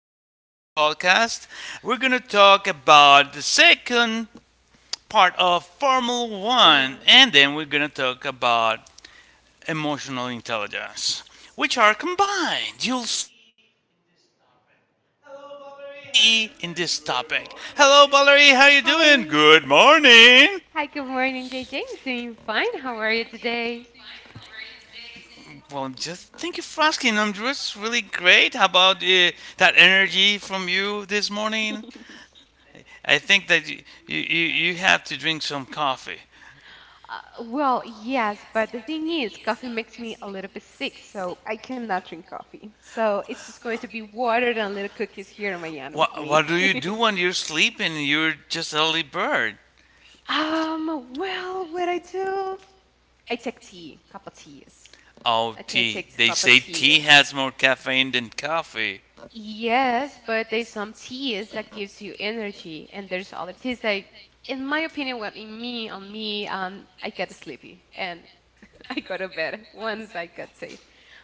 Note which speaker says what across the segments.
Speaker 1: from this podcast. We're going to talk about the second part of Formula One,
Speaker 2: Alright.
Speaker 1: and then we're going to talk about emotional intelligence, which are combined. You'll see in this topic. Hello, Valerie. How you doing? Good morning.
Speaker 2: Hi. Hi, good morning, JJ. Doing fine. How are you today?
Speaker 1: Well, I'm just thank you for asking. I'm just really great. How about that energy from you this morning? I think that you have to drink some coffee.
Speaker 2: Well, yes, but the thing is, coffee makes me a little bit sick, so I cannot drink coffee. So it's just going to be water and little cookies here on my end with
Speaker 1: What,
Speaker 2: me.
Speaker 1: what do you do when you're sleeping? And you're just a little bird.
Speaker 2: Well, what I do? I take tea, cup of teas.
Speaker 1: Oh,
Speaker 2: Okay,
Speaker 1: tea.
Speaker 2: take two
Speaker 1: They
Speaker 2: cup of
Speaker 1: say tea
Speaker 2: teas.
Speaker 1: has more caffeine than coffee.
Speaker 2: Yes, but there's some teas that gives you energy, and there's other teas that, in my opinion, what in me on me, I get sleepy and I go to bed once I got tea.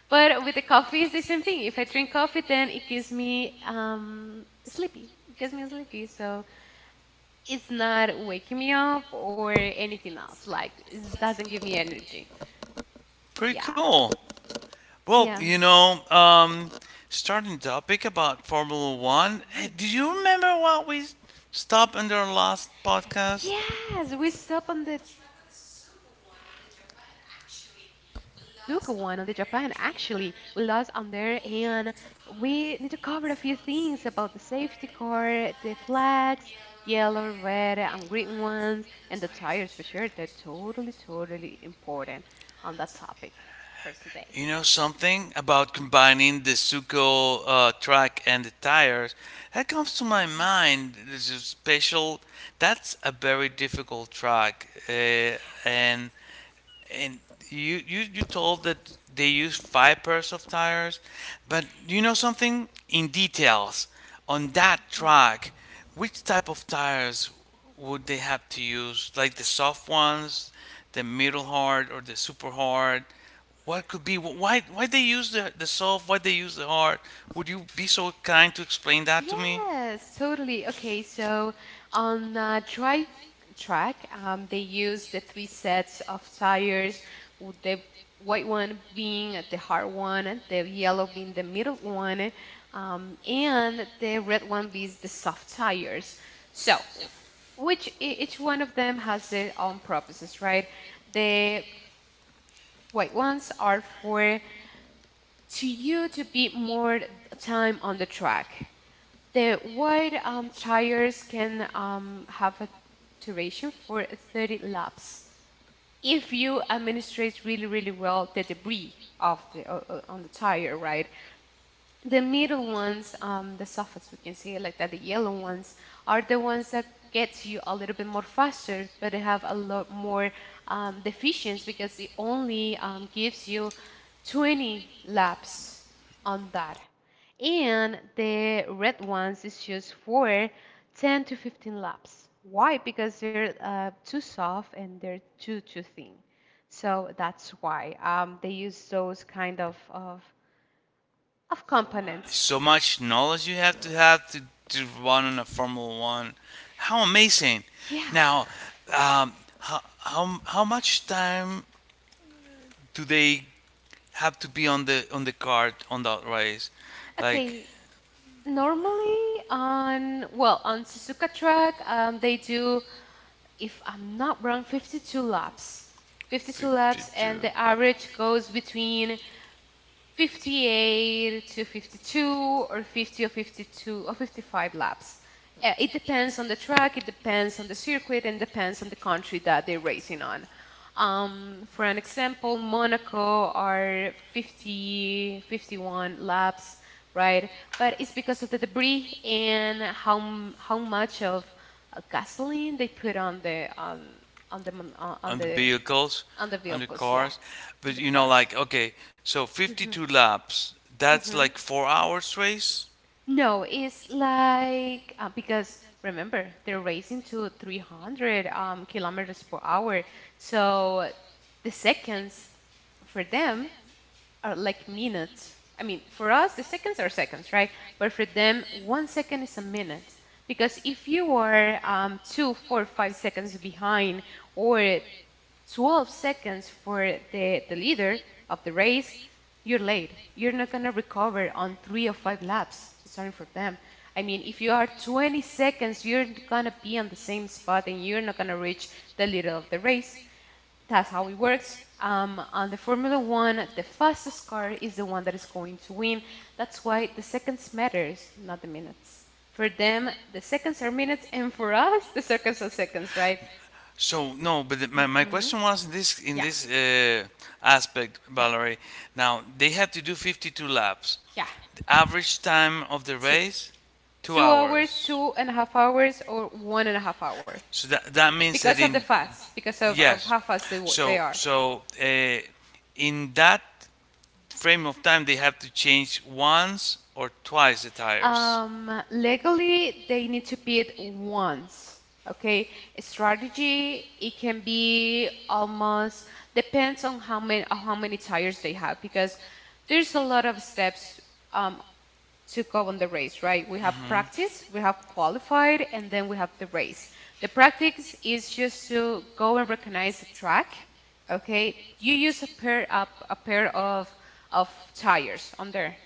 Speaker 2: But with the coffee, it's the same thing. If I drink coffee, then it gives me sleepy. It gives me sleepy, so it's not waking me up or anything else. Like it doesn't give me energy.
Speaker 1: Pretty
Speaker 2: Yeah.
Speaker 1: cool. Well,
Speaker 2: Yeah.
Speaker 1: starting topic about Formula One. Hey,
Speaker 2: Mm.
Speaker 1: do you remember what we stopped in our last podcast?
Speaker 2: Yes, we stopped on the track of the Suzuka one on the Japan. Actually, we lost on there, and we need to cover a few things about the safety car, the flags, yellow, red, and green ones, and the tires for sure. They're totally, totally important on that topic for today.
Speaker 1: You know something about combining the Suco track and the tires? That comes to my mind. This is special. That's a very difficult track, and and you told that they use five pairs of tires, but you know something in details on that
Speaker 2: Yeah. Mhm.
Speaker 1: track, which type of tires would they have to use? Like the soft ones, the middle hard, or the super hard? What could be why they use the soft? Why they use the hard? Would you be so kind to explain that to me?
Speaker 2: Yes, totally. Okay, so on dry track, they use the three sets of tires, with the white one being the hard one, the yellow being the middle one, and the red one being the soft tires. So, which each one of them has their own purposes, right? The white ones are for to you to be more time on the track the wide tires can have a duration for 30 laps if you administrate really, really well the debris of the on the tire, right? The middle ones, the softest, we can say it like that, the yellow ones are the ones that gets you a little bit more faster, but they have a lot more deficiency because it only gives you 20 laps on that. And the red ones is used for 10 to 15 laps. Why? Because they're too soft and they're too thin. So that's why they use those kind of components.
Speaker 1: So much knowledge you have to run in a Formula One. How amazing!
Speaker 2: Yeah.
Speaker 1: Now, um, how much time do they have to be on the cart on that race? Like,
Speaker 2: Okay. Normally on well on Suzuka track they do if I'm not wrong 52 laps. 52 laps and
Speaker 1: 52
Speaker 2: the average goes between 58 to 52 or 50 or 52 or 55 laps. It depends on the track, it depends on the circuit, and depends on the country that they're racing on. For an example, Monaco are 50, 51 laps, right? But it's because of the debris and how much of gasoline they put on on the uh, on
Speaker 1: on the
Speaker 2: the
Speaker 1: vehicles,
Speaker 2: on the
Speaker 1: on the
Speaker 2: vehicles,
Speaker 1: cars.
Speaker 2: on
Speaker 1: But
Speaker 2: the
Speaker 1: you know,
Speaker 2: cars.
Speaker 1: like, okay, so
Speaker 2: Mhm.
Speaker 1: 52 laps. That's
Speaker 2: Mhm.
Speaker 1: like 4 hours race.
Speaker 2: No, it's like because remember they're racing to 300 kilometers per hour, so the seconds for them are like minutes. I mean, for us the seconds are seconds, right? But for them, 1 second is a minute because if you are two, four, 5 seconds behind or 12 seconds for the leader of the race, you're late. You're not going to recover on three or five laps starting for them. I mean, if you are 20 seconds, you're going to be on the same spot and you're not going to reach the leader of the race. That's how it works. On the Formula One, the fastest car is the one that is going to win. That's why the seconds matters, not the minutes. For them, the seconds are minutes, and for us, the seconds are seconds, right?
Speaker 1: So no, but the,
Speaker 2: mm
Speaker 1: my, my
Speaker 2: hmm
Speaker 1: question was in this in
Speaker 2: Yeah.
Speaker 1: this uh, aspect,
Speaker 2: Yeah.
Speaker 1: Valerie. Now they had to do 52 laps.
Speaker 2: Yeah.
Speaker 1: The average time of the
Speaker 2: Two.
Speaker 1: race, two
Speaker 2: 2 hours,
Speaker 1: hours.
Speaker 2: 2.5 hours, or 1.5 hour.
Speaker 1: So that means that
Speaker 2: Because of
Speaker 1: in
Speaker 2: the fast, because of
Speaker 1: yes,
Speaker 2: how fast they,
Speaker 1: so
Speaker 2: they are.
Speaker 1: so uh, in that frame of time they have to change once or twice the tires.
Speaker 2: Legally, they need to bid once. Okay, a strategy it can be almost depends on how many tires they have because there's a lot of steps um, to go on the race, right? We have practice, we have qualified, and then we have the race. The practice is just to go and recognize the track, okay? You use a pair of tires on there.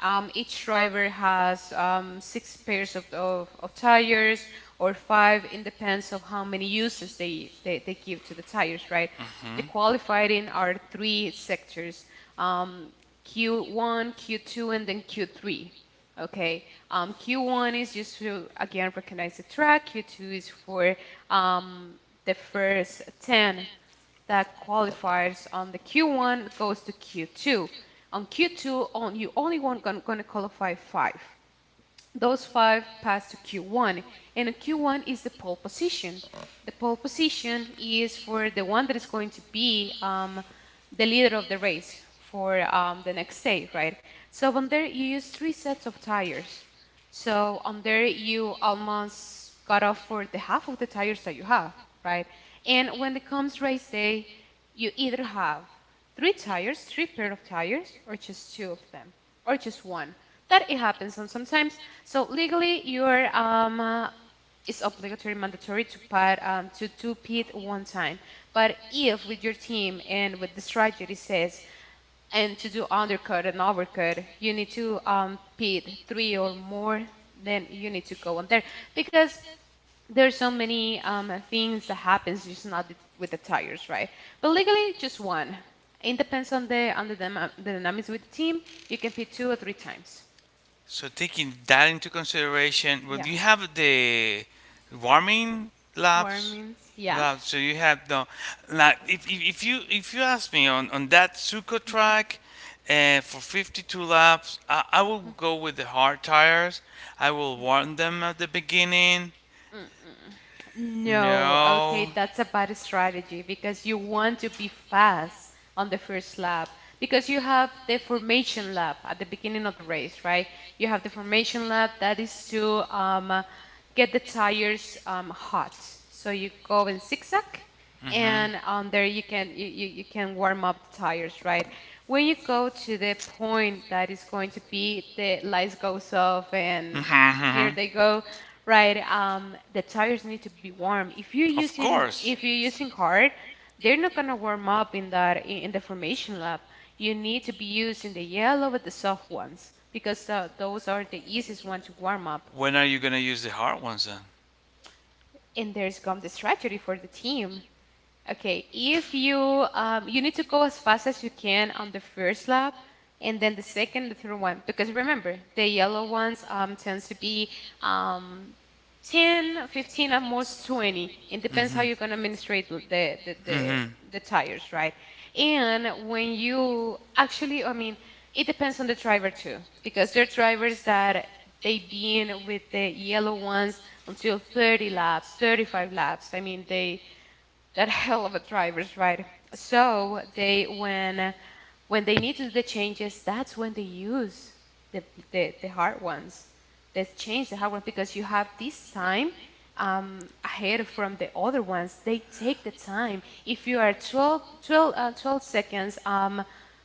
Speaker 2: Each driver has six pairs of tires or five. It depends of how many uses they give to the tires, right? The
Speaker 1: Hmm.
Speaker 2: qualifying are three sectors. Um, Q1, Q2, and then Q3. Okay. Q1 is just to again recognize the track. Q2 is for um, the first 10 that qualifies on the Q1 goes to Q2. On Q2, on, you only want going to qualify five. Those five pass to Q1, and Q1 is the pole position. The pole position is for the one that is going to be the leader of the race for the next day, right? So on there, you use three sets of tires. So on there, you almost got off for the half of the tires that you have, right? And when it comes race day, you either have three tires, three pair of tires, or just two of them, or just one that it happens sometimes. So legally, you're it's obligatory, mandatory to put to do pit one time. But if with your team and with the strategy says and to do undercut and overcut, you need to pit three or more, then you need to go on there because there's so many things that happens just not with the tires, right? But legally, just one. It depends on the dynamics with the team. You can pit two or three times.
Speaker 1: So taking that into consideration, well,
Speaker 2: Yeah.
Speaker 1: you have the warming
Speaker 2: Warm
Speaker 1: laps,
Speaker 2: means yeah.
Speaker 1: laps. So you have the like if you ask me on that Suco track. For 52 laps, I will go with the hard tires. I will
Speaker 2: Yeah.
Speaker 1: warm them at the beginning.
Speaker 2: Mm. No, okay,
Speaker 1: No.
Speaker 2: that's a bad strategy because you want to be fast on the first lap because you have the formation lap at the beginning of the race, right? You have the formation lap that is to get the tires hot. So you go in zigzag
Speaker 1: Hmm.
Speaker 2: and on there you can you can warm up the tires, right? When you go to the point that is going to be the lights goes off and here
Speaker 1: Mm-hmm.
Speaker 2: they go. Right. The tires need to be warm.
Speaker 1: Of
Speaker 2: If you're using hard, they're not gonna warm up in the formation lab. You need to be using the yellow but the soft ones because those are the easiest one to warm up.
Speaker 1: When are you gonna use the hard ones then?
Speaker 2: And there's come the strategy for the team. Okay, if you you need to go as fast as you can on the first lap, and then the second, the third one, because remember the yellow ones tends to be um, 10, 15, at most 20. It depends how
Speaker 1: Hmm.
Speaker 2: you're gonna administrate the the,
Speaker 1: Hmm.
Speaker 2: the tires, right? And when you actually, I mean, it depends on the driver too, because there are drivers that they been with the yellow ones until 30 laps, 35 laps. I mean, they that hell of a drivers, right? So they when they need to do the changes, that's when they use the the hard ones. They change the hard ones because you have this time ahead from the other ones. They take the time. If you are 12 seconds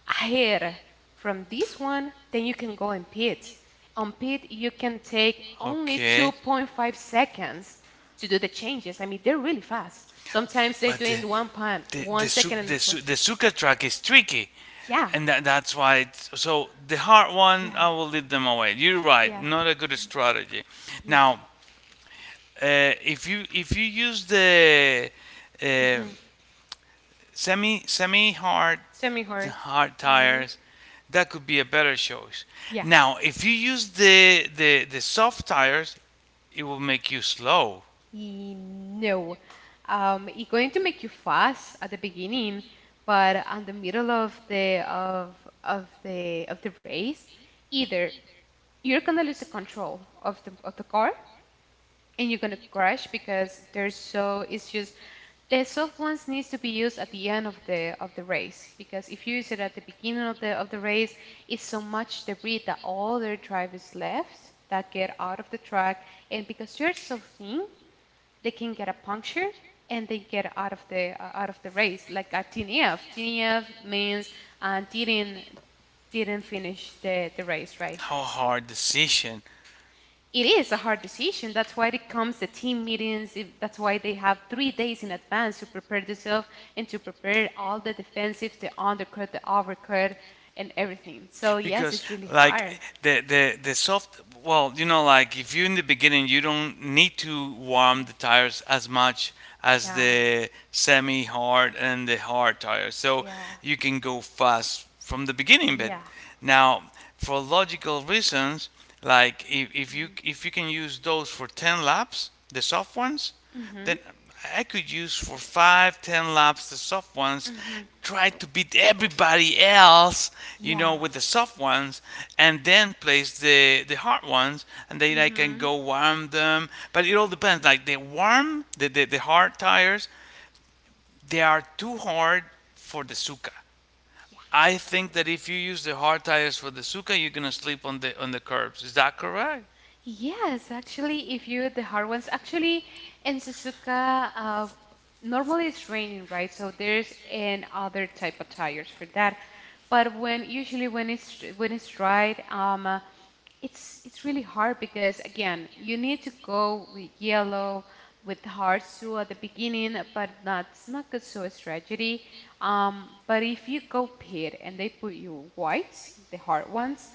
Speaker 2: ahead from this one, then you can go in pit. On pit, you can take only
Speaker 1: Okay.
Speaker 2: 2.5 seconds to do the changes. I mean, they're really fast. Sometimes they're
Speaker 1: But the
Speaker 2: doing one pan,
Speaker 1: the the
Speaker 2: one
Speaker 1: su-
Speaker 2: second, and
Speaker 1: the,
Speaker 2: four.
Speaker 1: su- the Suka track is tricky,
Speaker 2: Yeah,
Speaker 1: and that's why. So the hard one,
Speaker 2: yeah,
Speaker 1: I will leave them away. You're right,
Speaker 2: yeah,
Speaker 1: not a good strategy.
Speaker 2: yeah.
Speaker 1: Now, if you use the uh,
Speaker 2: Mm-hmm.
Speaker 1: semi semi hard
Speaker 2: Semi hard.
Speaker 1: hard
Speaker 2: Mm-hmm.
Speaker 1: tires, that could be a better choice.
Speaker 2: Yeah.
Speaker 1: Now, if you use the soft tires, it will make you slow.
Speaker 2: No. It's going to make you fast at the beginning, but on the middle of the race, either you're gonna lose the control of the car, and you're gonna crash because they're so it's just the soft ones needs to be used at the end of the race because if you use it at the beginning of the race it's so much debris that all their drivers left that get out of the track and because they're so thin they can get a puncture and they get out of the race like a TNF. TNF means uh, didn't didn't finish the race, right.
Speaker 1: How hard decision!
Speaker 2: It is a hard decision. That's why it comes the team meetings. That's why they have 3 days in advance to prepare themselves and to prepare all the defensives, the undercut, the overcut, and everything. So yes,
Speaker 1: Because,
Speaker 2: it's really
Speaker 1: like,
Speaker 2: hard.
Speaker 1: the soft, well, like, if you in the beginning you don't need to warm the tires as much as
Speaker 2: Yeah,
Speaker 1: the semi hard and the hard tires, so
Speaker 2: yeah,
Speaker 1: you can go fast from the beginning. But
Speaker 2: yeah.
Speaker 1: now, for logical reasons, like, if you can use those for 10 laps the soft ones,
Speaker 2: Mm-hmm. Mm-hmm.
Speaker 1: that I could use for five, 10 laps the soft ones,
Speaker 2: Mm-hmm.
Speaker 1: try to beat everybody else,
Speaker 2: Yeah.
Speaker 1: with the soft ones, and then place the hard ones, and then I can
Speaker 2: Mm-hmm.
Speaker 1: go warm them. But it all depends. Like the hard tires, they are too hard for the Suka.
Speaker 2: Yeah.
Speaker 1: I think that if you use the hard tires for the Suka, you're gonna sleep on the curbs. Is that correct?
Speaker 2: Yes, actually, if you the hard ones, actually, in Suzuka, normally it's raining, right? So there's an other type of tires for that. But when usually when it's dried, it's really hard because again, you need to go with yellow, with hard sole at the beginning, but that's not good, so it's tragedy. But if you go pit and they put you whites, the hard ones.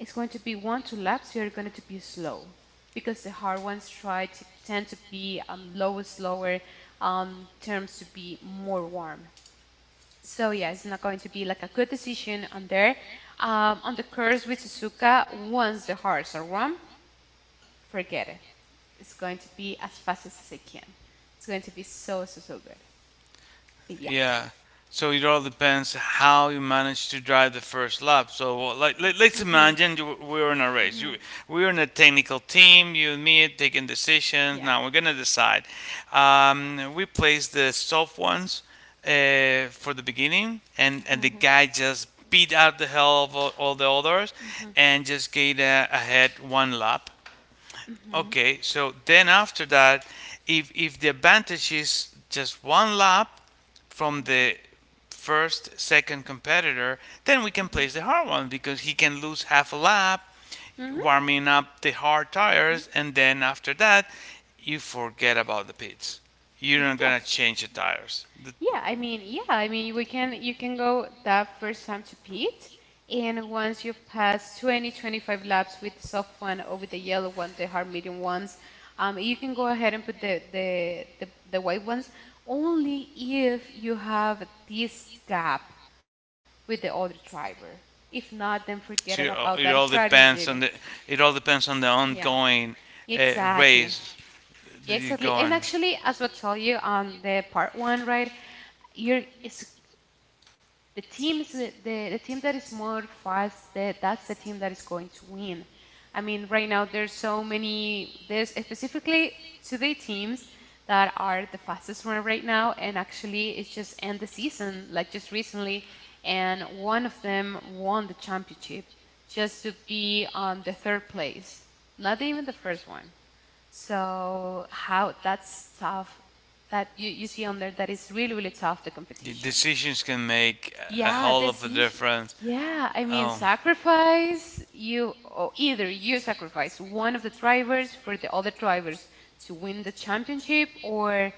Speaker 2: It's going to be one, two laps. You're going to be slow because the hard ones try to tend to be low, slower, terms to be more warm. So yeah, it's not going to be like a good decision on there. On the course with Suzuka, once the hearts are warm, forget it. It's going to be as fast as I can. It's going to be so good. But yeah.
Speaker 1: Yeah. So it all depends how you manage to drive the first lap. So, well, like, let's
Speaker 2: Mhm.
Speaker 1: imagine we're in a race. You
Speaker 2: Mhm.
Speaker 1: We're in a technical team. You and me taking decisions.
Speaker 2: Yeah.
Speaker 1: Now we're gonna decide. We place the soft ones for the beginning, and the
Speaker 2: Mhm.
Speaker 1: guy just beat out the hell of all the others,
Speaker 2: Mhm.
Speaker 1: and just get ahead one lap.
Speaker 2: Mhm.
Speaker 1: Okay, so then after that, if the advantage is just one lap from the first, second competitor, then we can place the hard one because he can lose half a lap
Speaker 2: Mhm.
Speaker 1: warming up the hard tires, and then after that you forget about the pits. You're not
Speaker 2: Yeah.
Speaker 1: gonna change the tires.
Speaker 2: Yeah, I mean, we can you can go that first time to pit, and once you pass 20, 25 laps with the soft one or with the yellow one, the hard medium ones, you can go ahead and put the white ones only if you have this gap with the other driver. If not, then forget it
Speaker 1: So
Speaker 2: about
Speaker 1: it
Speaker 2: that
Speaker 1: all depends on
Speaker 2: strategy.
Speaker 1: the
Speaker 2: Yeah,
Speaker 1: ongoing
Speaker 2: exactly.
Speaker 1: race.
Speaker 2: Yeah,
Speaker 1: Do you
Speaker 2: exactly.
Speaker 1: go
Speaker 2: And
Speaker 1: on?
Speaker 2: actually, as I told you on the part one, right? You're it's the teams the team that is more fast, that's the team that is going to win. I mean, right now there's so many there's specifically today teams that are the fastest one right now, and actually it just end the season like just recently, and one of them won the championship just to be on the third place, not even the first one. So how that's tough that you see on there that is really, really tough the
Speaker 1: The
Speaker 2: competition.
Speaker 1: decisions can make a
Speaker 2: Yeah,
Speaker 1: whole of a
Speaker 2: decision.
Speaker 1: difference.
Speaker 2: Yeah, I mean,
Speaker 1: Oh,
Speaker 2: sacrifice you or either you sacrifice one of the drivers for the other drivers to win the championship or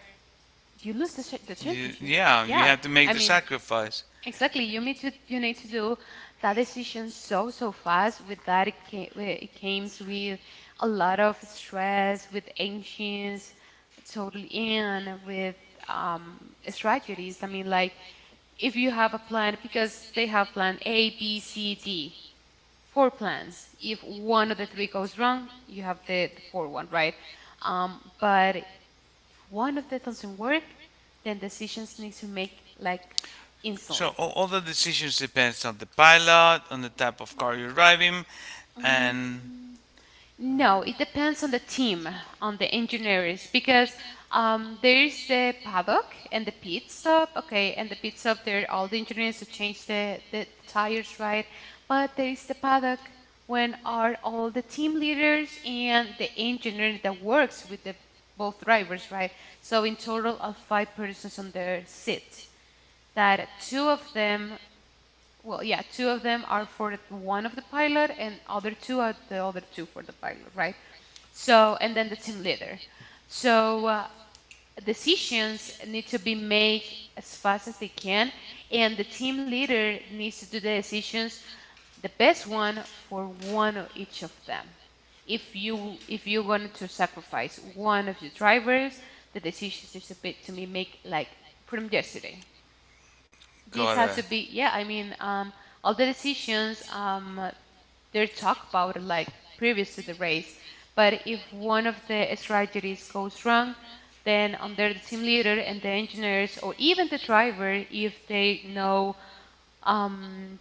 Speaker 2: you lose the championship.
Speaker 1: yeah, you
Speaker 2: Yeah,
Speaker 1: have to
Speaker 2: I
Speaker 1: make the
Speaker 2: mean,
Speaker 1: sacrifice.
Speaker 2: exactly. You need to do that decision so fast. With that, it comes with a lot of stress, with anxious, totally in with strategies. I mean, like if you have a plan, because they have plan A, B, C, D, four plans. If one of the three goes wrong, you have the fourth one, right? But if one of that doesn't work, then decisions need to make like
Speaker 1: So
Speaker 2: instantly.
Speaker 1: all the decisions depends on the pilot, on the type of car you're driving, and
Speaker 2: Mm, No, it depends on the team, on the engineers, because there is the paddock and the pit stop. Okay, and the pit stop, there all the engineers who change the tires, right? But there is the paddock when are all the team leaders and the engineer that works with the both drivers, right? So in total of five persons on their seat. That two of them, well, yeah, two of them are for one of the pilot and other two are the other two for the pilot, right? So, and then the team leader. So, decisions need to be made as fast as they can, and the team leader needs to do the decisions, the best one for one of each of them. If you're going to sacrifice one of your drivers, the decisions needs to be made like from yesterday. This
Speaker 1: gotta.
Speaker 2: has to be, yeah, I mean, all the decisions, they're talked about like previous to the race. But if one of the strategies goes wrong, then under the team leader and the engineers or even the driver, if they know, um,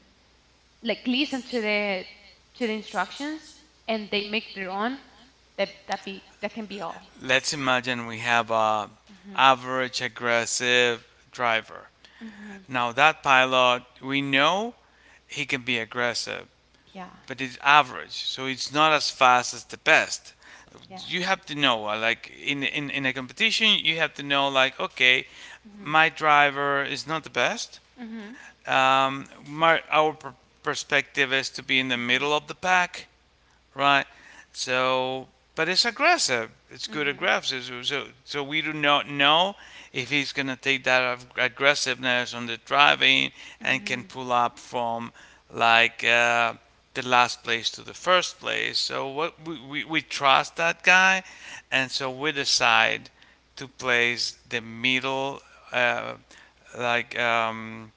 Speaker 2: like listen to the instructions and they make their own, that can be all.
Speaker 1: Let's imagine we have a
Speaker 2: Hmm.
Speaker 1: average aggressive driver.
Speaker 2: Hmm.
Speaker 1: Now that pilot, we know he can be aggressive,
Speaker 2: Yeah,
Speaker 1: but it's average, so it's not as fast as the best.
Speaker 2: yeah.
Speaker 1: You have to know, like, in a competition, you have to know, like, okay,
Speaker 2: Mhm.
Speaker 1: my driver is not the best.
Speaker 2: Mhm.
Speaker 1: Our perspective is to be in the
Speaker 2: Mhm.
Speaker 1: middle of the pack. Right. So, but it's aggressive. It's good
Speaker 2: Mhm.
Speaker 1: aggressive. So we do not know if he's going to take that aggressiveness on the driving and can
Speaker 2: Mhm.
Speaker 1: pull up from, like, the last place to the first place. So what we trust that guy, and so we decide to place the middle, uh, like,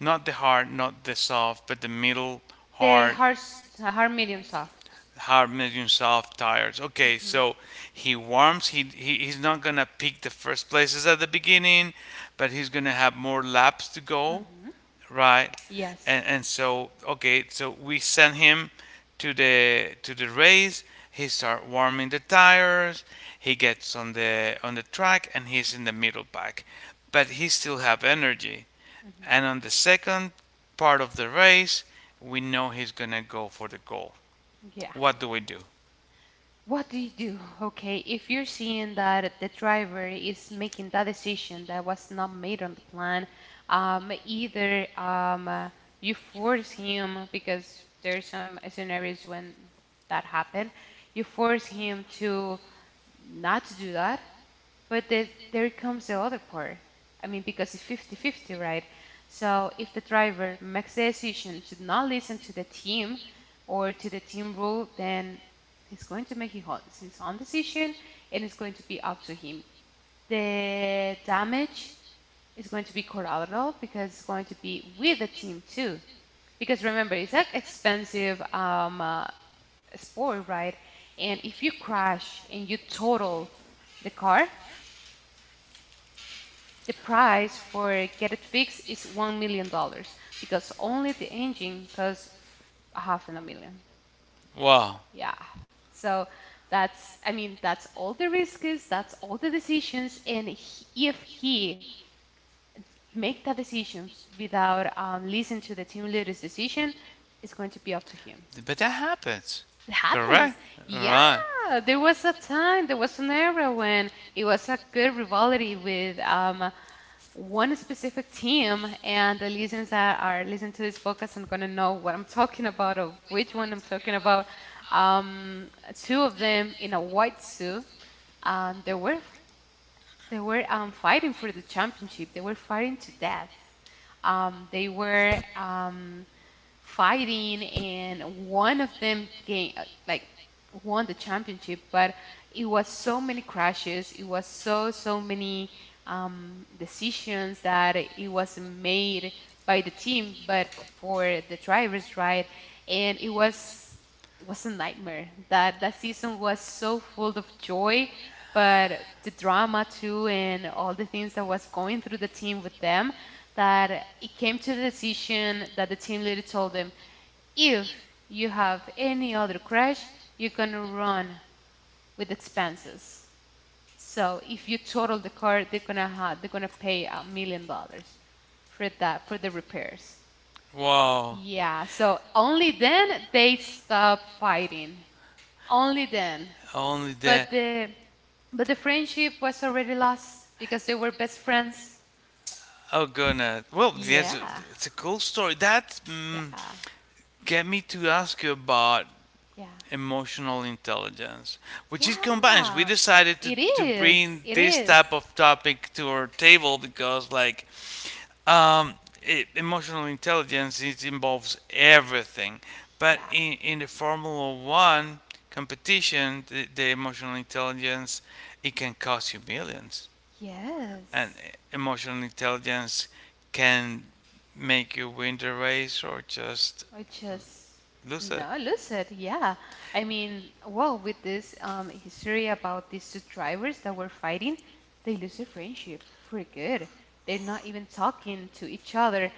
Speaker 1: not the hard, not the soft, but the middle
Speaker 2: The
Speaker 1: hard
Speaker 2: hard, hard medium soft.
Speaker 1: Hart makes himself tires. Okay,
Speaker 2: Mhm. So
Speaker 1: so he warms. He's not gonna peak the first places at the beginning, but he's gonna have more laps to
Speaker 2: go.
Speaker 1: go,
Speaker 2: Mhm.
Speaker 1: right?
Speaker 2: Yes.
Speaker 1: And so, okay, so we send him to the race. He starts warming the tires. He gets on the track and he's in the middle pack, but he still have energy.
Speaker 2: Mhm.
Speaker 1: And on the second part of the race, we know he's gonna go for the goal.
Speaker 2: Yeah.
Speaker 1: What do we do?
Speaker 2: What do you do? Okay, if you're seeing that the driver is making that decision that was not made on the plan, either you force him because there's some scenarios when that happened, you force him to not to do that, but there comes the other part. I mean, because it's 50-50, right? So if the driver makes the decision to not listen to the team or to the team rule, then he's going to make his own decision and it's going to be up to him. The damage is going to be collateral because it's going to be with the team too. Because remember, it's an expensive sport, right? And if you crash and you total the car, the price for get it fixed is $1 million because only the engine costs half and a million.
Speaker 1: Wow.
Speaker 2: Yeah. So that's, I mean, that's all the risks, that's all the decisions, and he, if he make the decisions without listening to the team leader's decision, it's going to be up to him.
Speaker 1: But that happens.
Speaker 2: It happens.
Speaker 1: Correct?
Speaker 2: Yeah,
Speaker 1: Right.
Speaker 2: there was a time, there was an era when it was a good rivalry with one specific team, and the listeners that are listening to this podcast are gonna know what I'm talking about or which one I'm talking about. Um, Two of them in a white suit, um, they were they were fighting for the championship. They were fighting to death. They were fighting, and one of them gained, like won the championship. But it was so many crashes. It was so many decisions that it was made by the team, but for the drivers, right? And it was a nightmare. That season was so full of joy, but the drama too, and all the things that was going through the team with them, that it came to the decision that the team leader told them if you have any other crash, you're gonna run with expenses. So if you total the car, they're gonna pay $1 million for that for the repairs.
Speaker 1: Wow.
Speaker 2: Yeah, so only then they stopped fighting. Only then.
Speaker 1: Only that.
Speaker 2: But the but the friendship was already lost because they were best friends.
Speaker 1: Oh, goodness. Well, that's a,
Speaker 2: Yeah,
Speaker 1: it's a cool story.
Speaker 2: yeah,
Speaker 1: Get me to ask you about
Speaker 2: yeah.
Speaker 1: emotional intelligence, which is combined. We
Speaker 2: Yeah,
Speaker 1: decided to,
Speaker 2: it
Speaker 1: to
Speaker 2: is.
Speaker 1: bring
Speaker 2: It
Speaker 1: this
Speaker 2: is.
Speaker 1: type of topic to our table because, like, um, emotional intelligence it involves everything.
Speaker 2: Yeah.
Speaker 1: But in the Formula One competition, the emotional intelligence it can cost you millions, and
Speaker 2: Yes.
Speaker 1: emotional intelligence can make you win the race or just
Speaker 2: I just
Speaker 1: lose it.
Speaker 2: No, lucid, yeah. I mean, well, with this history about these two drivers that were fighting, they lose their friendship for good. They're not even talking to each other.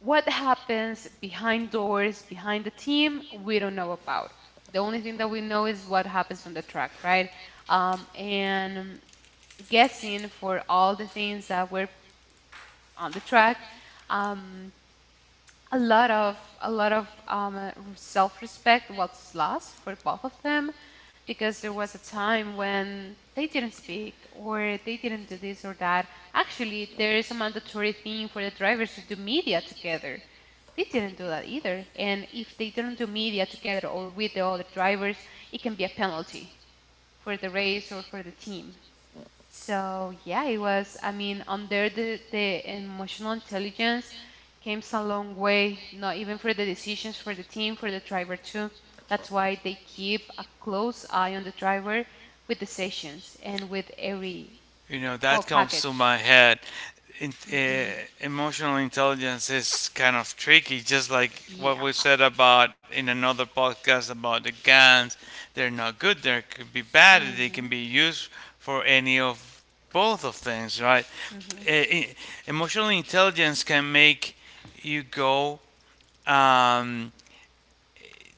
Speaker 2: What happens behind doors, behind the team, we don't know about. The only thing that we know is what happens on the track, right? And guessing for all the things that were on the track. Um, a lot of self-respect was lost for both of them because there was a time when they didn't speak or they didn't do this or that. Actually, there is a mandatory thing for the drivers to do media together. They didn't do that either. And if they didn't do media together or with the other drivers, it can be a penalty for the race or for the team. So yeah, it was. I mean, under the emotional intelligence came a long way. Not even for the decisions for the team, for the driver too. That's why they keep a close eye on the driver with the sessions and with every
Speaker 1: You know,
Speaker 2: whole
Speaker 1: that comes to
Speaker 2: package.
Speaker 1: my head. In, uh,
Speaker 2: Hmm.
Speaker 1: Emotional intelligence is kind of tricky, just like what
Speaker 2: Yeah.
Speaker 1: we said about in another podcast about the guns. They're not good, they could be bad, they
Speaker 2: Hmm.
Speaker 1: can be used for any of both of things, right?
Speaker 2: Hmm.
Speaker 1: Uh, Emotional intelligence can make you go, um,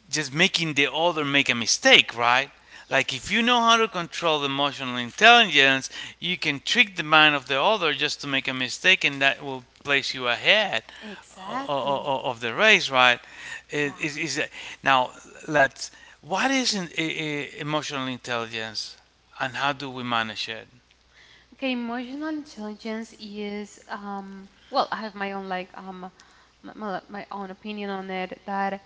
Speaker 1: just making the other make a mistake, right? Like, if
Speaker 2: Yes.
Speaker 1: you know how to control emotional intelligence, you can trick the mind of the other just to make a mistake, and that will place you ahead o-
Speaker 2: Exactly.
Speaker 1: o- of the race, right? It-
Speaker 2: Yeah.
Speaker 1: Is is that- Now, let's, what is in, emotional intelligence, and how do we manage it?
Speaker 2: Okay, emotional intelligence is well, I have my own like my own opinion on it that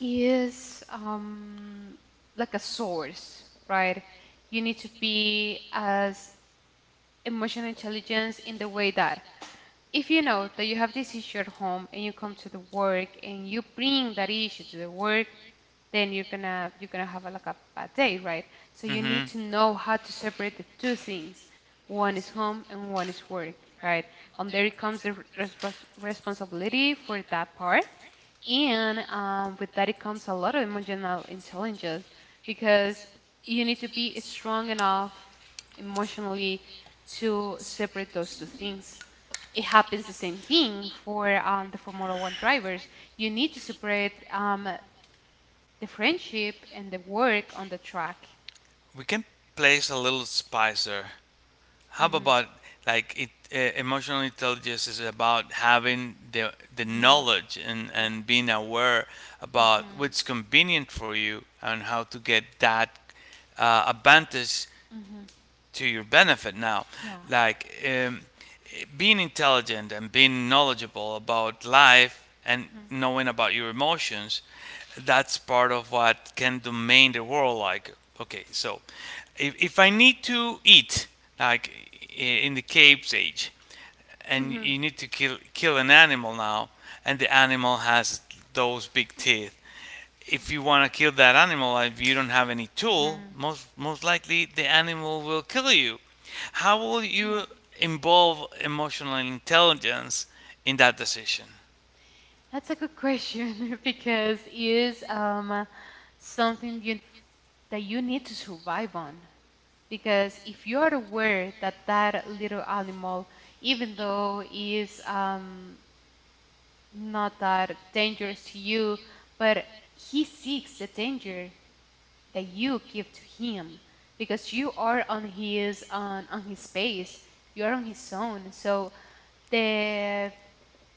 Speaker 2: is like a source, right? You need to be as emotional intelligence in the way that if you know that you have this issue at home and you come to the work and you bring that issue to the work, then you're gonna have a, like a bad day, right? So you
Speaker 1: Hmm.
Speaker 2: need to know how to separate the two things. One is home and one is work, right? And there comes responsibility for that part, and with that, it comes a lot of emotional intelligence because you need to be strong enough emotionally to separate those two things. It happens the same thing for the Formula One drivers. You need to separate the friendship and the work on the track.
Speaker 1: We can place a little spicer. How
Speaker 2: Hmm.
Speaker 1: about, like, emotional intelligence is about having the
Speaker 2: Hmm.
Speaker 1: knowledge and
Speaker 2: Yeah.
Speaker 1: being aware
Speaker 2: Hmm.
Speaker 1: about
Speaker 2: Hmm.
Speaker 1: what's convenient for you and how to get that advantage to your benefit. Now,
Speaker 2: Yeah.
Speaker 1: like, being intelligent and being knowledgeable about life and knowing about your emotions, that's part of what can domain the world. Like, okay, so if I need to eat, like, in the cave's age,
Speaker 2: Hmm.
Speaker 1: and
Speaker 2: Hmm.
Speaker 1: you need to kill an animal. Now, and the animal has those big teeth. If you want to kill that animal, if you don't have any tool,
Speaker 2: Hmm.
Speaker 1: most likely the animal will kill you. How will
Speaker 2: Yeah,
Speaker 1: you involve emotional intelligence in that decision?
Speaker 2: that's a good question because it is something that you need to survive on. Because if you are aware that that little animal, even though is not that dangerous to you, but he seeks the danger that you give to him because you are on on his space, you are on his zone. So the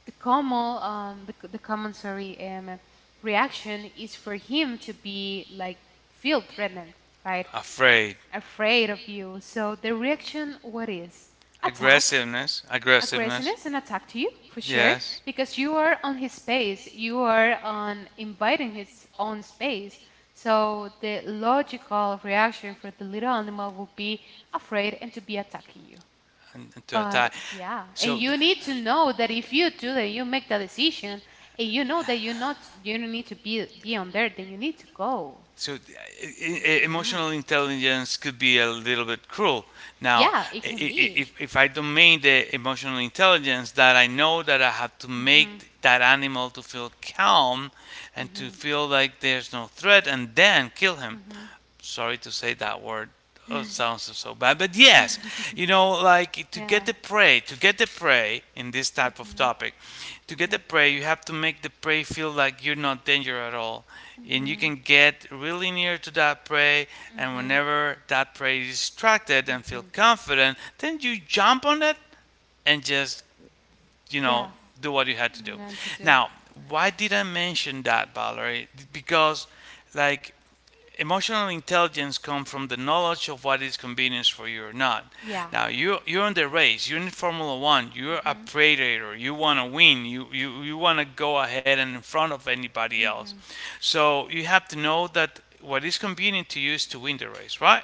Speaker 2: the common the common sorry reaction is for him to be like feel threatened, right?
Speaker 1: Afraid,
Speaker 2: Afraid of you, so the reaction, what is? Attack.
Speaker 1: aggressiveness, aggressiveness.
Speaker 2: Aggressiveness and attack to you, for sure,
Speaker 1: Yes,
Speaker 2: because you are on his space, you are on inviting his own space, so the logical reaction for the little animal will be afraid and to be attacking you.
Speaker 1: and to
Speaker 2: But
Speaker 1: attack.
Speaker 2: yeah,
Speaker 1: So
Speaker 2: and
Speaker 1: you
Speaker 2: you need
Speaker 1: need
Speaker 2: to
Speaker 1: to
Speaker 2: know
Speaker 1: know that
Speaker 2: that
Speaker 1: if
Speaker 2: if
Speaker 1: you
Speaker 2: you
Speaker 1: do
Speaker 2: do that,
Speaker 1: that,
Speaker 2: you
Speaker 1: your
Speaker 2: make the
Speaker 1: mentalization.
Speaker 2: decision, and you know that you don't need to be on there, then you need to go.
Speaker 1: So,
Speaker 2: Mhm.
Speaker 1: emotional intelligence could be a little bit cruel. Now,
Speaker 2: Yeah, it
Speaker 1: i-
Speaker 2: can
Speaker 1: i-
Speaker 2: be.
Speaker 1: if, if I domain the emotional intelligence that I know that I have to make
Speaker 2: Mhm.
Speaker 1: that animal to feel calm and to
Speaker 2: Mhm.
Speaker 1: feel like there's no threat and then kill him,
Speaker 2: Mhm.
Speaker 1: sorry to say that word. Oh, it sounds so bad, but yes, like, to
Speaker 2: Yeah.
Speaker 1: get the prey, to get the prey in this type of
Speaker 2: Mhm.
Speaker 1: topic, to get
Speaker 2: Mhm.
Speaker 1: the prey, you have to make the prey feel like you're not danger at all, and you
Speaker 2: Mhm.
Speaker 1: can get really near to that prey. And
Speaker 2: Mhm.
Speaker 1: whenever that prey is distracted and feel
Speaker 2: Mhm.
Speaker 1: confident, then you jump on it and just you know
Speaker 2: Yeah.
Speaker 1: do what you had to
Speaker 2: You
Speaker 1: do.
Speaker 2: know what to do.
Speaker 1: Now, why did I mention that, Valerie? Because, like, emotional intelligence comes from the knowledge of what is convenient for you or not.
Speaker 2: Yeah.
Speaker 1: Now you're in the race, you're in Formula One, you're a
Speaker 2: Mhm.
Speaker 1: predator, you want to win, you want to go ahead and in front of anybody else.
Speaker 2: Mhm.
Speaker 1: So you have to know that what is convenient to you is to win the race, right?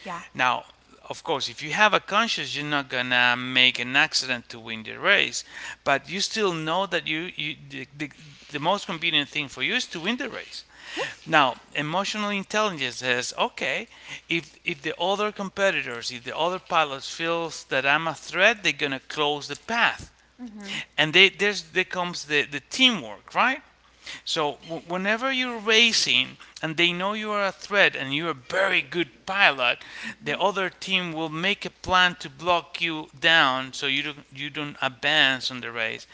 Speaker 2: Yeah.
Speaker 1: Now, of course, if you have a conscience, you're not gonna make an accident to win the race, but you still know that the most convenient thing for you is to win the race.
Speaker 2: Yes.
Speaker 1: Now, emotional intelligence says, okay, if the other competitors, if the other pilots feels that I'm a threat, they're gonna close the path,
Speaker 2: Mhm.
Speaker 1: and they, there's there comes the teamwork, right? So whenever you're racing and they know you are a threat and you're a very good pilot, the
Speaker 2: Mhm.
Speaker 1: other team will make a plan to block you down so you don't advance on the race.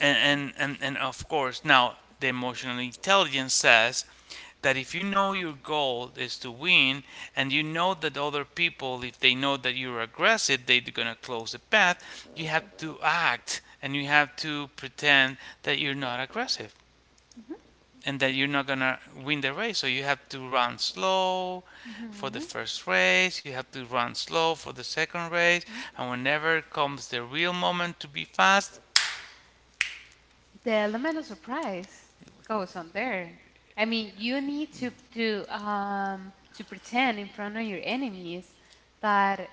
Speaker 1: And and
Speaker 2: Mhm.
Speaker 1: and, and of course now the emotional intelligence says that if you know your goal is to win and you know that other people if they know that you're aggressive they're going to close the path you have to act and you have to pretend that you're not aggressive
Speaker 2: Mhm.
Speaker 1: and that you're not gonna win the race. So you have to run slow for the
Speaker 2: Mhm.
Speaker 1: first race, you have to run slow for the second race,
Speaker 2: Mhm.
Speaker 1: and whenever comes the real moment to be fast,
Speaker 2: The element of surprise goes on there. I mean, you need to pretend in front of your enemies that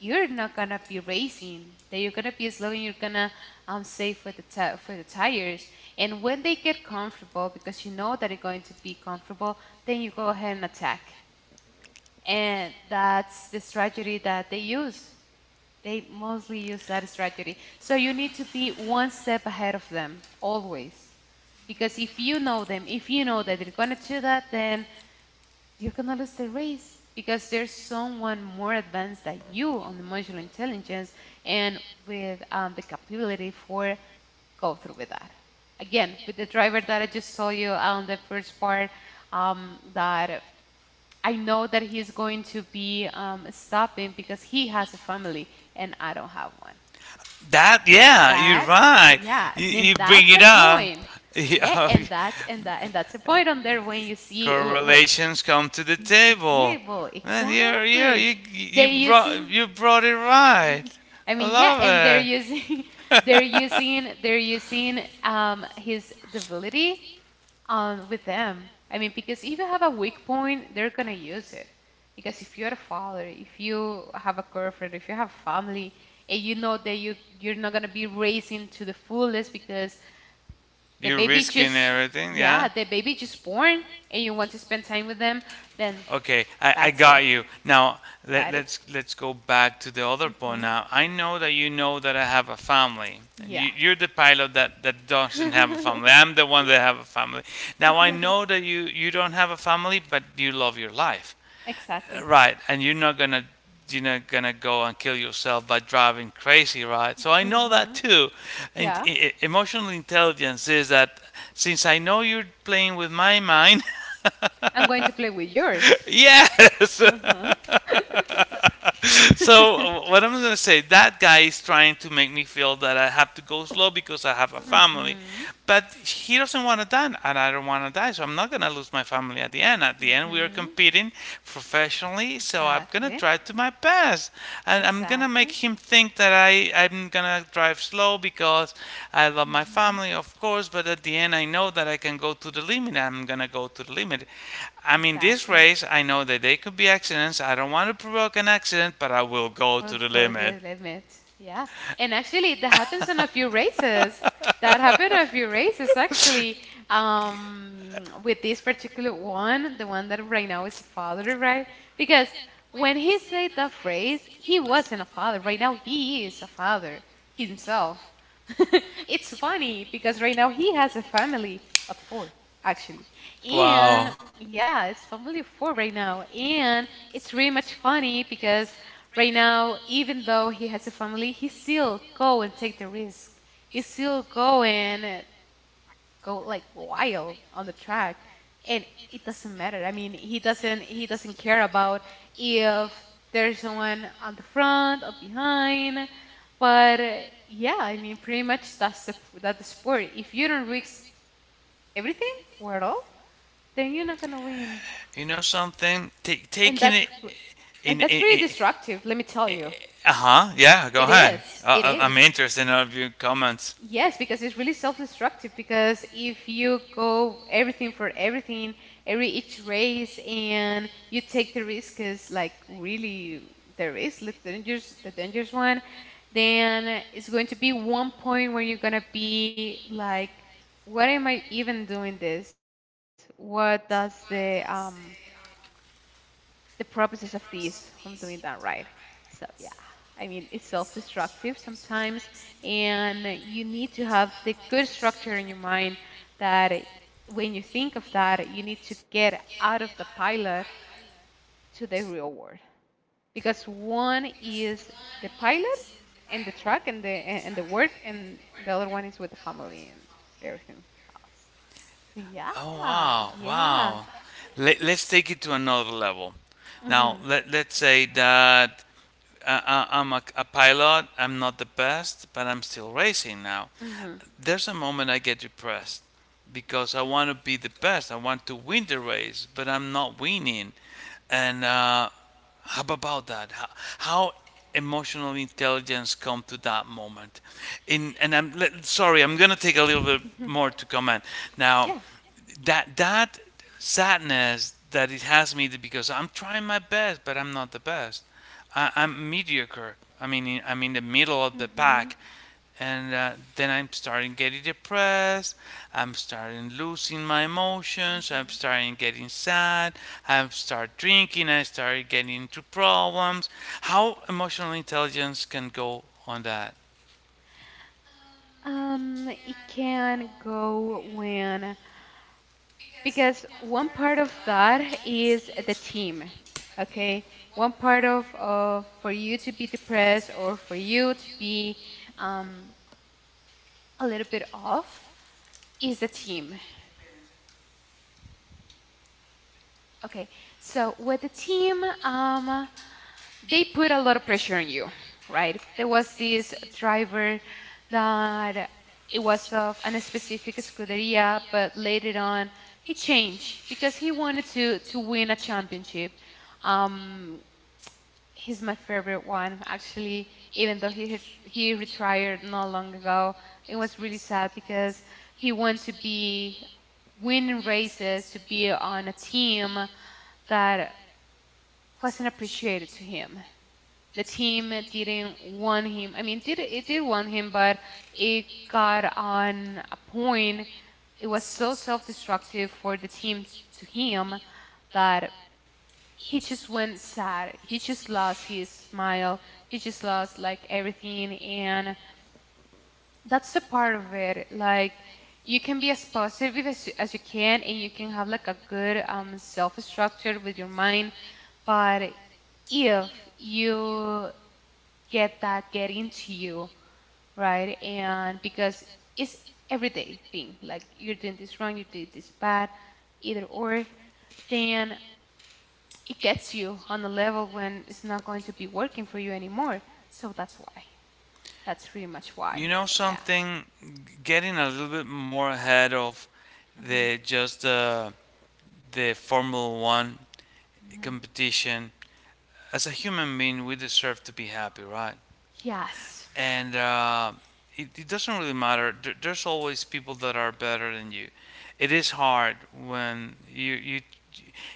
Speaker 2: you're not gonna be racing, that you're gonna be slow and you're gonna save for the tires. And when they get comfortable, because you know that it's going to be comfortable, then you go ahead and attack. And that's the strategy that they use. They mostly use that strategy. So you need to be one step ahead of them always. Because if you know them, if you know that they're going to do that, then you're going to lose the race because there's someone more advanced than you on emotional intelligence and with the capability for go through with that. Again, with the driver that I just saw you on the first part, that I know that he's going to be stopping because he has a family and I don't have one.
Speaker 1: that yeah, you're
Speaker 2: That,
Speaker 1: right.
Speaker 2: yeah,
Speaker 1: You
Speaker 2: then
Speaker 1: bring
Speaker 2: that's a
Speaker 1: it up.
Speaker 2: point. Yeah,
Speaker 1: Yeah,
Speaker 2: and that's and that and that's a point on there when you see
Speaker 1: correlations come to the table.
Speaker 2: Interpretable,
Speaker 1: Man, you're, you're,
Speaker 2: exactly.
Speaker 1: you you
Speaker 2: They
Speaker 1: brought
Speaker 2: using,
Speaker 1: it right.
Speaker 2: I
Speaker 1: I
Speaker 2: mean, yeah, and
Speaker 1: love it.
Speaker 2: they're using his disability with them. I mean, because if you have a weak point, they're gonna use it. Because if you're a father, if you have a girlfriend, if you have family, and you know that you're not gonna be raising to the fullest because the
Speaker 1: You're
Speaker 2: baby
Speaker 1: risking
Speaker 2: just
Speaker 1: everything,
Speaker 2: yeah,
Speaker 1: yeah?
Speaker 2: the baby just born and you want to spend time with them, then
Speaker 1: Okay, I
Speaker 2: that's it.
Speaker 1: got you. Now
Speaker 2: That is.
Speaker 1: let's go back to the other point
Speaker 2: Hmm.
Speaker 1: now. I know that you know that I have a family.
Speaker 2: Yeah.
Speaker 1: You're the pilot that doesn't have a family. I'm the one that have a family. Now I know that you don't have a family, but you love your life
Speaker 2: Exactly.
Speaker 1: right and you're not gonna go and kill yourself by driving crazy, right, so I know that
Speaker 2: Mhm.
Speaker 1: too and
Speaker 2: Yeah.
Speaker 1: emotional intelligence is that since I know you're playing with my mind.
Speaker 2: I'm going to play with yours.
Speaker 1: Yes.
Speaker 2: Mhm.
Speaker 1: So what I'm gonna say, that guy is trying to make me feel that I have to go slow because I have a family,
Speaker 2: Mhm.
Speaker 1: but he doesn't want to die and I don't want to die, so I'm not going to lose my family. At the end, at the end we are
Speaker 2: Mhm.
Speaker 1: competing professionally, so I'm going to
Speaker 2: Exactly.
Speaker 1: try to my best, and I'm gonna make
Speaker 2: Exactly.
Speaker 1: him think that I'm gonna drive slow because I love my
Speaker 2: Mhm.
Speaker 1: family, of course, but at the end I know that I can go to the limit. I'm gonna go to the limit. I mean, this
Speaker 2: Exactly.
Speaker 1: race, I know that there could be accidents. I don't want to provoke an accident, but I will go to
Speaker 2: We'll
Speaker 1: the
Speaker 2: go to
Speaker 1: limit.
Speaker 2: the limit. Yeah. And actually, that happens on a few races. That happened on a few races, actually. With this particular one, the one that right now is a father, right? Because when he said that phrase, he wasn't a father. Right now, he is a father himself. It's funny because right now he has a family of four, actually.
Speaker 1: Wow.
Speaker 2: And yeah, it's family of four right now. And it's really much funny because right now, even though he has a family, he still go and take the risk. He still go and go like wild on the track and it doesn't matter. I mean, he doesn't care about if there's someone on the front or behind. But yeah, I mean, pretty much that's the sport. If you don't risk everything or at all, then you're not gonna win.
Speaker 1: You know something? Ta
Speaker 2: And
Speaker 1: Taking
Speaker 2: that's
Speaker 1: it
Speaker 2: and
Speaker 1: in.
Speaker 2: that's
Speaker 1: in,
Speaker 2: really
Speaker 1: in
Speaker 2: destructive, let me tell you.
Speaker 1: Uh huh. Yeah. Go
Speaker 2: It
Speaker 1: ahead.
Speaker 2: is. It
Speaker 1: I'm
Speaker 2: is.
Speaker 1: interested in all of your comments.
Speaker 2: Yes, because it's really self-destructive. Because if you go everything for everything, every each race, and you take the risk is like really the dangerous one, then it's going to be one point where you're gonna be like, what am I even doing this? What does the purposes of this of doing that, right? So yeah, I mean it's self-destructive sometimes, and you need to have the good structure in your mind that when you think of that, you need to get out of the pilot to the real world because one is the pilot and the truck and the work, and the other one is with the family and everything else.
Speaker 1: Oh
Speaker 2: Yeah,
Speaker 1: wow, wow.
Speaker 2: yeah.
Speaker 1: Let's take it to another level. Now
Speaker 2: Hmm.
Speaker 1: let's say that I, I'm a pilot. I'm not the best, but I'm still racing now
Speaker 2: Hmm.
Speaker 1: there's a moment I get depressed because I want to be the best. I want to win the race, but I'm not winning. And how about that? How emotional intelligence come to that moment? In and I'm sorry, I'm gonna take a little bit more to comment now.
Speaker 2: Yeah.
Speaker 1: That sadness that it has me because I'm trying my best, but I'm not the best. I'm mediocre. I mean, I'm in the middle of the
Speaker 2: Mm-hmm.
Speaker 1: pack and then I'm starting getting depressed. I'm starting losing my emotions. I'm
Speaker 2: Mm-hmm.
Speaker 1: starting getting sad. I start drinking. I start getting into problems. How emotional intelligence can go on that?
Speaker 2: It can go when, because one part of that is the team, okay? One part of for you to be depressed or for you to be um, a little bit off is a team. Okay, so with the team, they put a lot of pressure on you, right? There was this driver that it was of a specific scuderia, but later on he changed because he wanted to win a championship. Um, he's my favorite one, actually. Even though he retired not long ago, it was really sad because he wanted to be winning races, to be on a team that wasn't appreciated to him, the team didn't want him. I mean, did it did want him, but it got on a point. It was so self-destructive for the team to him that he just went sad. He just lost his smile. He just lost like everything, and that's a part of it. Like you can be as positive as you can, and you can have like a good self-structure with your mind, but if you get into you, right? And because it's everyday thing, like you're doing this wrong, you did this bad, either or, then it gets you on a level when it's not going to be working for you anymore. So that's why. That's pretty much why.
Speaker 1: You know
Speaker 2: Yeah.
Speaker 1: something? Getting a little bit more ahead of
Speaker 2: Hmm.
Speaker 1: the just the Formula One
Speaker 2: Hmm.
Speaker 1: competition. As a human being, we deserve to be happy, right?
Speaker 2: Yes.
Speaker 1: And it it doesn't really matter. There's always people that are better than you. It is hard when you you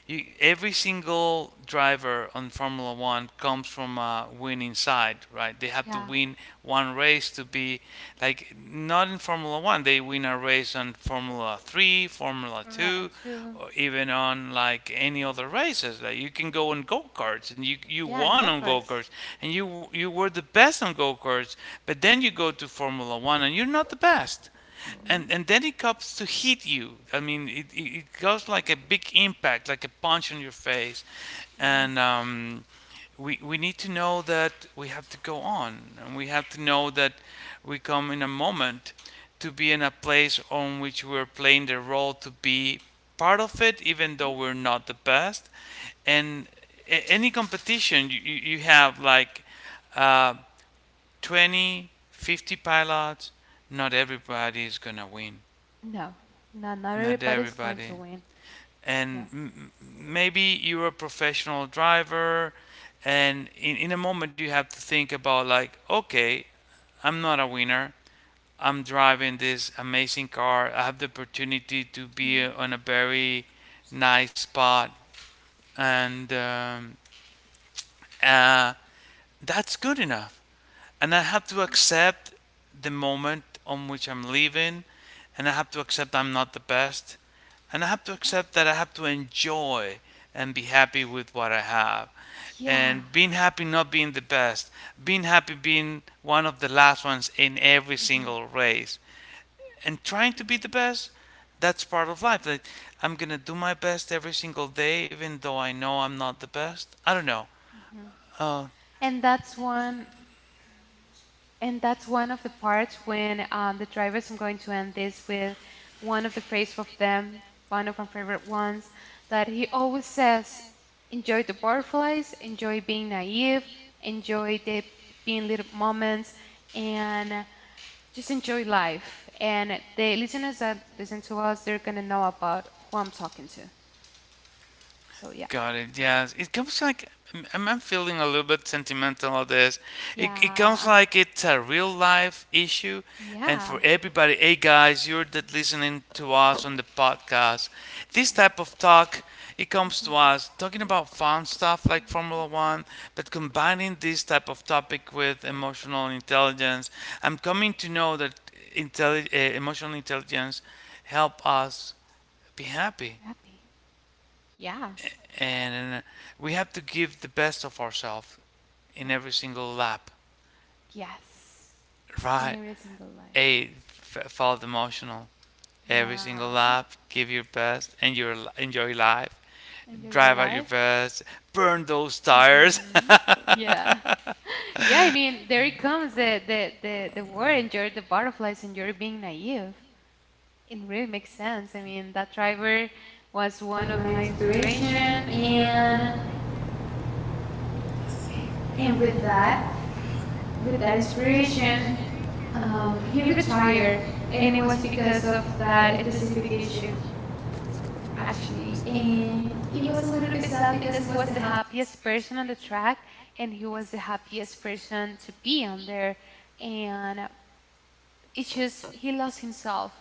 Speaker 1: you every single driver on Formula One comes from a winning side, right? They have to
Speaker 2: Yeah.
Speaker 1: win one race to be like not in Formula One. They win a race on Formula Three, Formula
Speaker 2: Right.
Speaker 1: Two,
Speaker 2: Two.
Speaker 1: or even on like any other races. Like you can go on go karts and you
Speaker 2: Yeah, and
Speaker 1: won on go
Speaker 2: karts.
Speaker 1: karts and you were the best on go karts, but then you go to Formula One and you're not the best,
Speaker 2: Mhm.
Speaker 1: and then it comes to hit you. I mean, it goes like a big impact, like a punch on your face,
Speaker 2: Mhm.
Speaker 1: and we need to know that we have to go on, and we have to know that we come in a moment to be in a place on which we're playing the role to be part of it, even though
Speaker 2: Mhm.
Speaker 1: we're not the best, and any competition you have like. Uh, 20, 50 pilots, not everybody is going to win.
Speaker 2: No, no, not
Speaker 1: Not
Speaker 2: everybody's going to
Speaker 1: everybody.
Speaker 2: win. Yeah.
Speaker 1: And maybe you're a professional driver, and in a moment you have to think about, like, okay, I'm not a winner. I'm driving this amazing car. I have the opportunity to
Speaker 2: Mhm.
Speaker 1: be on a very nice spot, and uh, that's good enough, and I have to accept the moment on which I'm living, and I have to accept I'm not the best, and I have to
Speaker 2: Yeah.
Speaker 1: accept that I have to enjoy and be happy with what I have.
Speaker 2: Yeah.
Speaker 1: And being happy not being the best, being happy being one of the last ones in every
Speaker 2: Mhm.
Speaker 1: single race, and trying to be the best, that's part of life. Like, I'm gonna do my best every single day, even though I know I'm not the best. I don't know.
Speaker 2: Mhm.
Speaker 1: Uh,
Speaker 2: And that's one And that's one of the parts when the drivers, I'm going to end this with one of the phrases of them, one of my favorite ones, that he always says, enjoy the butterflies, enjoy being naive, enjoy the being little moments, and just enjoy life. And the listeners that listen to us, they're gonna know about who I'm talking to. So yeah.
Speaker 1: Got it. Yes, it comes like I'm feeling a little bit sentimental on this. It comes
Speaker 2: Yeah.
Speaker 1: like it's a real life issue, and for
Speaker 2: Yeah.
Speaker 1: everybody, hey guys, you're that listening to us on the podcast.
Speaker 2: Yeah.
Speaker 1: This type of talk, it comes to
Speaker 2: Hmm.
Speaker 1: us talking about fun stuff like Formula One, but combining this type of topic with emotional intelligence. I'm coming to know that emotional intelligence help us be happy,
Speaker 2: Happy. Yeah.
Speaker 1: and we have to give the best of ourselves in
Speaker 2: Yeah.
Speaker 1: every single lap.
Speaker 2: Yes. In
Speaker 1: Right?
Speaker 2: every single life.
Speaker 1: Eight, follow the emotional. Every single
Speaker 2: Yeah,
Speaker 1: lap, give your best, and your enjoy life.
Speaker 2: enjoy your
Speaker 1: Drive out your
Speaker 2: life.
Speaker 1: best, burn those tires.
Speaker 2: Hmm. Yeah, yeah. I mean, there it comes the word enjoy the butterflies and being naive. It really makes sense. I mean, that driver
Speaker 3: Was
Speaker 2: was
Speaker 3: one
Speaker 2: one
Speaker 3: of
Speaker 2: of
Speaker 3: my
Speaker 2: my inspiration,
Speaker 3: inspiration and
Speaker 2: and
Speaker 3: with
Speaker 2: with
Speaker 3: that
Speaker 2: that
Speaker 3: inspiration,
Speaker 2: inspiration,
Speaker 3: he
Speaker 2: he retired,
Speaker 3: retired, and
Speaker 2: and
Speaker 3: it
Speaker 2: it
Speaker 3: was
Speaker 2: was
Speaker 3: because
Speaker 2: because
Speaker 3: of
Speaker 2: of that
Speaker 3: that specific
Speaker 2: specific
Speaker 3: issue
Speaker 2: issue,
Speaker 3: actually.
Speaker 2: actually.
Speaker 3: And
Speaker 2: And
Speaker 3: it
Speaker 2: it
Speaker 3: was a
Speaker 2: was a
Speaker 3: little
Speaker 2: little
Speaker 3: bit
Speaker 2: bit
Speaker 3: sad
Speaker 2: sad
Speaker 3: because
Speaker 2: because
Speaker 3: it
Speaker 2: he
Speaker 3: was
Speaker 2: was
Speaker 3: the
Speaker 2: the
Speaker 3: happy
Speaker 2: happiest person on the track and he was the happiest person to be on there. And it's just he lost himself.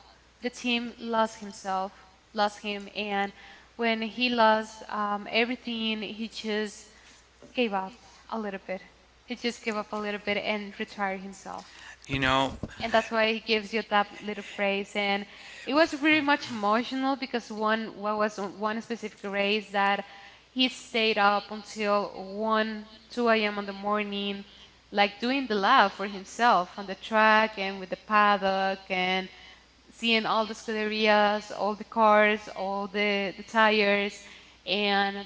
Speaker 2: The team lost himself, lost him. And when he lost everything, he just gave up a little bit. He just gave up a little bit and retired himself.
Speaker 1: You know,
Speaker 2: And that's why he gives you that little phrase. And it was really much emotional because one what was one specific race that he stayed up until 1, 2 a.m. in the morning, like doing the lab for himself on the track and with the paddock and seeing all the scuderias, all the cars, all the tires, and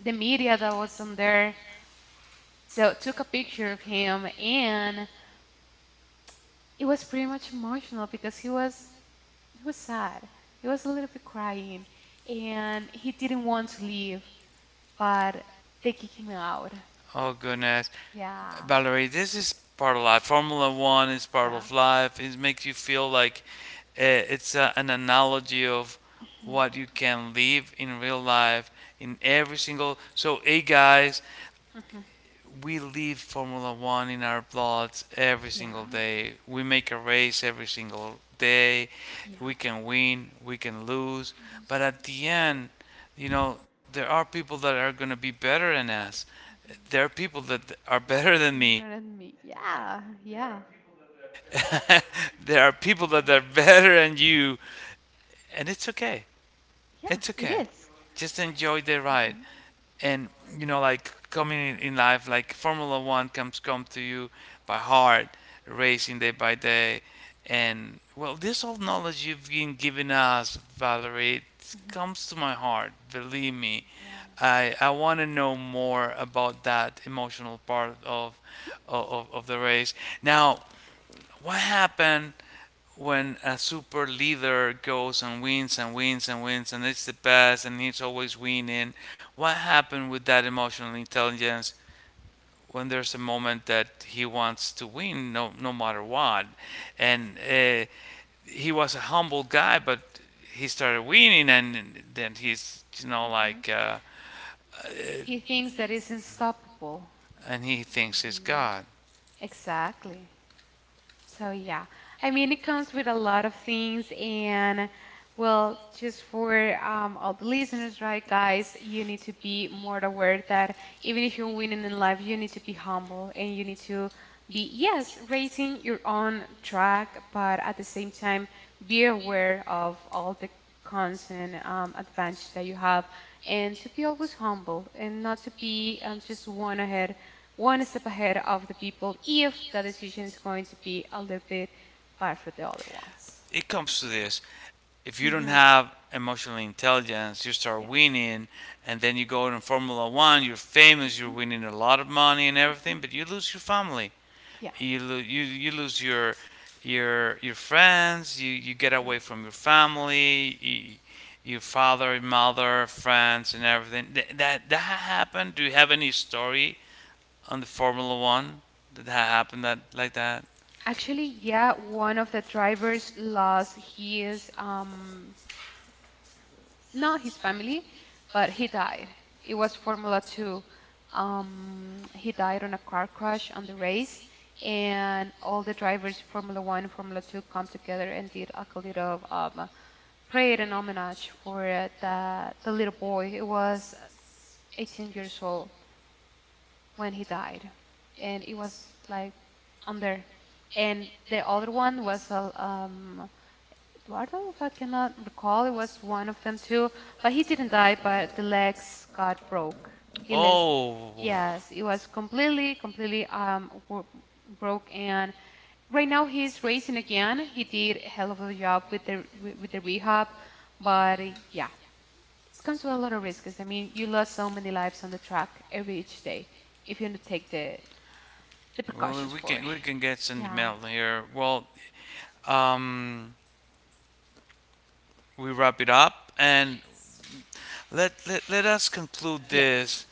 Speaker 2: the media that was on there. So took a picture of him, and it was pretty much emotional because he was sad. He was a little bit crying, and he didn't want to leave, but they kicked him out.
Speaker 1: oh goodness,
Speaker 2: Yeah.
Speaker 1: Valerie, this is part of life. Formula One is part
Speaker 2: Yeah.
Speaker 1: of life. It makes you feel like it's an analogy of what you can live in real life in every single. So, hey guys,
Speaker 2: Mm-hmm.
Speaker 1: we live Formula One in our bloods every single
Speaker 2: Yeah.
Speaker 1: day. We make a race every single day.
Speaker 2: Yeah.
Speaker 1: We can win, we can lose, but
Speaker 2: Those.
Speaker 1: at the end, you know, there are people that are going to be better than us. There are people that are better than
Speaker 2: Mhm.
Speaker 1: me.
Speaker 2: Better than me. Yeah.
Speaker 1: There are
Speaker 2: Yeah.
Speaker 1: people that are better than you,
Speaker 2: Yeah.
Speaker 1: and it's okay. It's okay.
Speaker 2: Yeah.
Speaker 1: Just
Speaker 2: It is.
Speaker 1: enjoy the ride,
Speaker 2: Mhm.
Speaker 1: and you know, like coming in life like Formula One comes come to you by heart racing day by day. And well, this old knowledge you've been giving us, Valerie, it
Speaker 2: Mhm.
Speaker 1: comes to my heart, believe me.
Speaker 2: Yeah.
Speaker 1: I want to know more about that emotional part of of the race now. What happened when a super leader goes and wins and wins and wins and it's the best and he's always winning? What happened with that emotional intelligence when there's a moment that he wants to win, no matter what? And he was a humble guy, but he started winning, and then he's you know
Speaker 2: Mhm.
Speaker 1: like,
Speaker 2: He thinks that it's unstoppable.
Speaker 1: and he thinks he's
Speaker 2: Mhm.
Speaker 1: God.
Speaker 2: Exactly. So yeah, I mean it comes with a lot of things and well, just for all the listeners, right, guys, you need to be more aware that even if you're winning in life, you need to be humble and you need to be, yes, racing your own track, but at the same time, be aware of all the cons and advantage that you have and to be always humble and not to be just one step ahead of the people if the decision is going to be a little bit bad for the other ones.
Speaker 1: It comes to this. If you don't
Speaker 2: Mhm.
Speaker 1: have emotional intelligence, you start
Speaker 2: Yes.
Speaker 1: winning, and then you go in Formula One, you're famous, you're
Speaker 2: Mm-hmm.
Speaker 1: winning a lot of money and everything, but you lose your family,
Speaker 2: Yeah.
Speaker 1: you you lose your your friends, you get away from your family, you, your father, mother, friends, and everything. That that happened. Do you have any story on the Formula One that happened that like that?
Speaker 2: Actually, yeah, one of the drivers lost his not his family, but he died. It was Formula 2. He died on a car crash on the race, and all the drivers, Formula 1, Formula 2, come together and did like a little prayer and homage for the little boy. It was 18 years old when he died, and it was like on there. And the other one was a Eduardo, if I cannot recall, it was one of them too, but he didn't die, but the legs got broke. He legs,
Speaker 1: Oh.
Speaker 2: yes, it was completely broke, and right now he's racing again. He did a hell of a job with the rehab, but yeah, it comes with a lot of risks. I mean, you lost so many lives on the track every each day if you don't take the
Speaker 1: Well,
Speaker 2: precautions for it.
Speaker 1: we can get some
Speaker 2: Yeah.
Speaker 1: mail here. Well, um, we wrap it up and
Speaker 2: Yes.
Speaker 1: let us conclude this.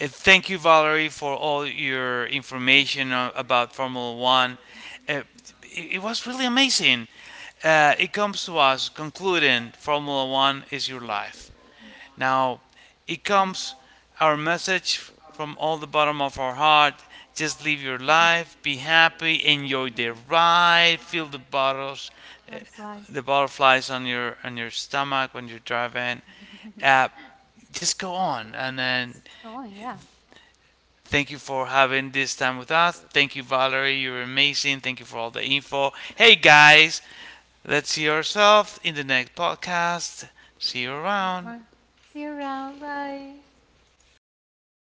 Speaker 1: Thank you, Valerie, for all your information about Formula One. Uh, it was really amazing. It comes to us concluding Formula One is your life.
Speaker 2: Mhm. Mhm.
Speaker 1: Now, it comes our message from all the bottom of our heart.
Speaker 2: Mhm.
Speaker 1: Just live your life, be happy,
Speaker 2: Happy,
Speaker 1: enjoy the ride, feel the bottles, eh,
Speaker 2: butterflies.
Speaker 1: the butterflies on your stomach when you're driving. Uh, just go on, and
Speaker 2: Let's
Speaker 1: then
Speaker 2: go on, yeah.
Speaker 1: thank you for having this time with us. Thank you, Valerie. You're amazing. Thank you for all the info. Hey guys, let's see ourselves in the next podcast. See you around.
Speaker 2: Bye. See you around. Bye.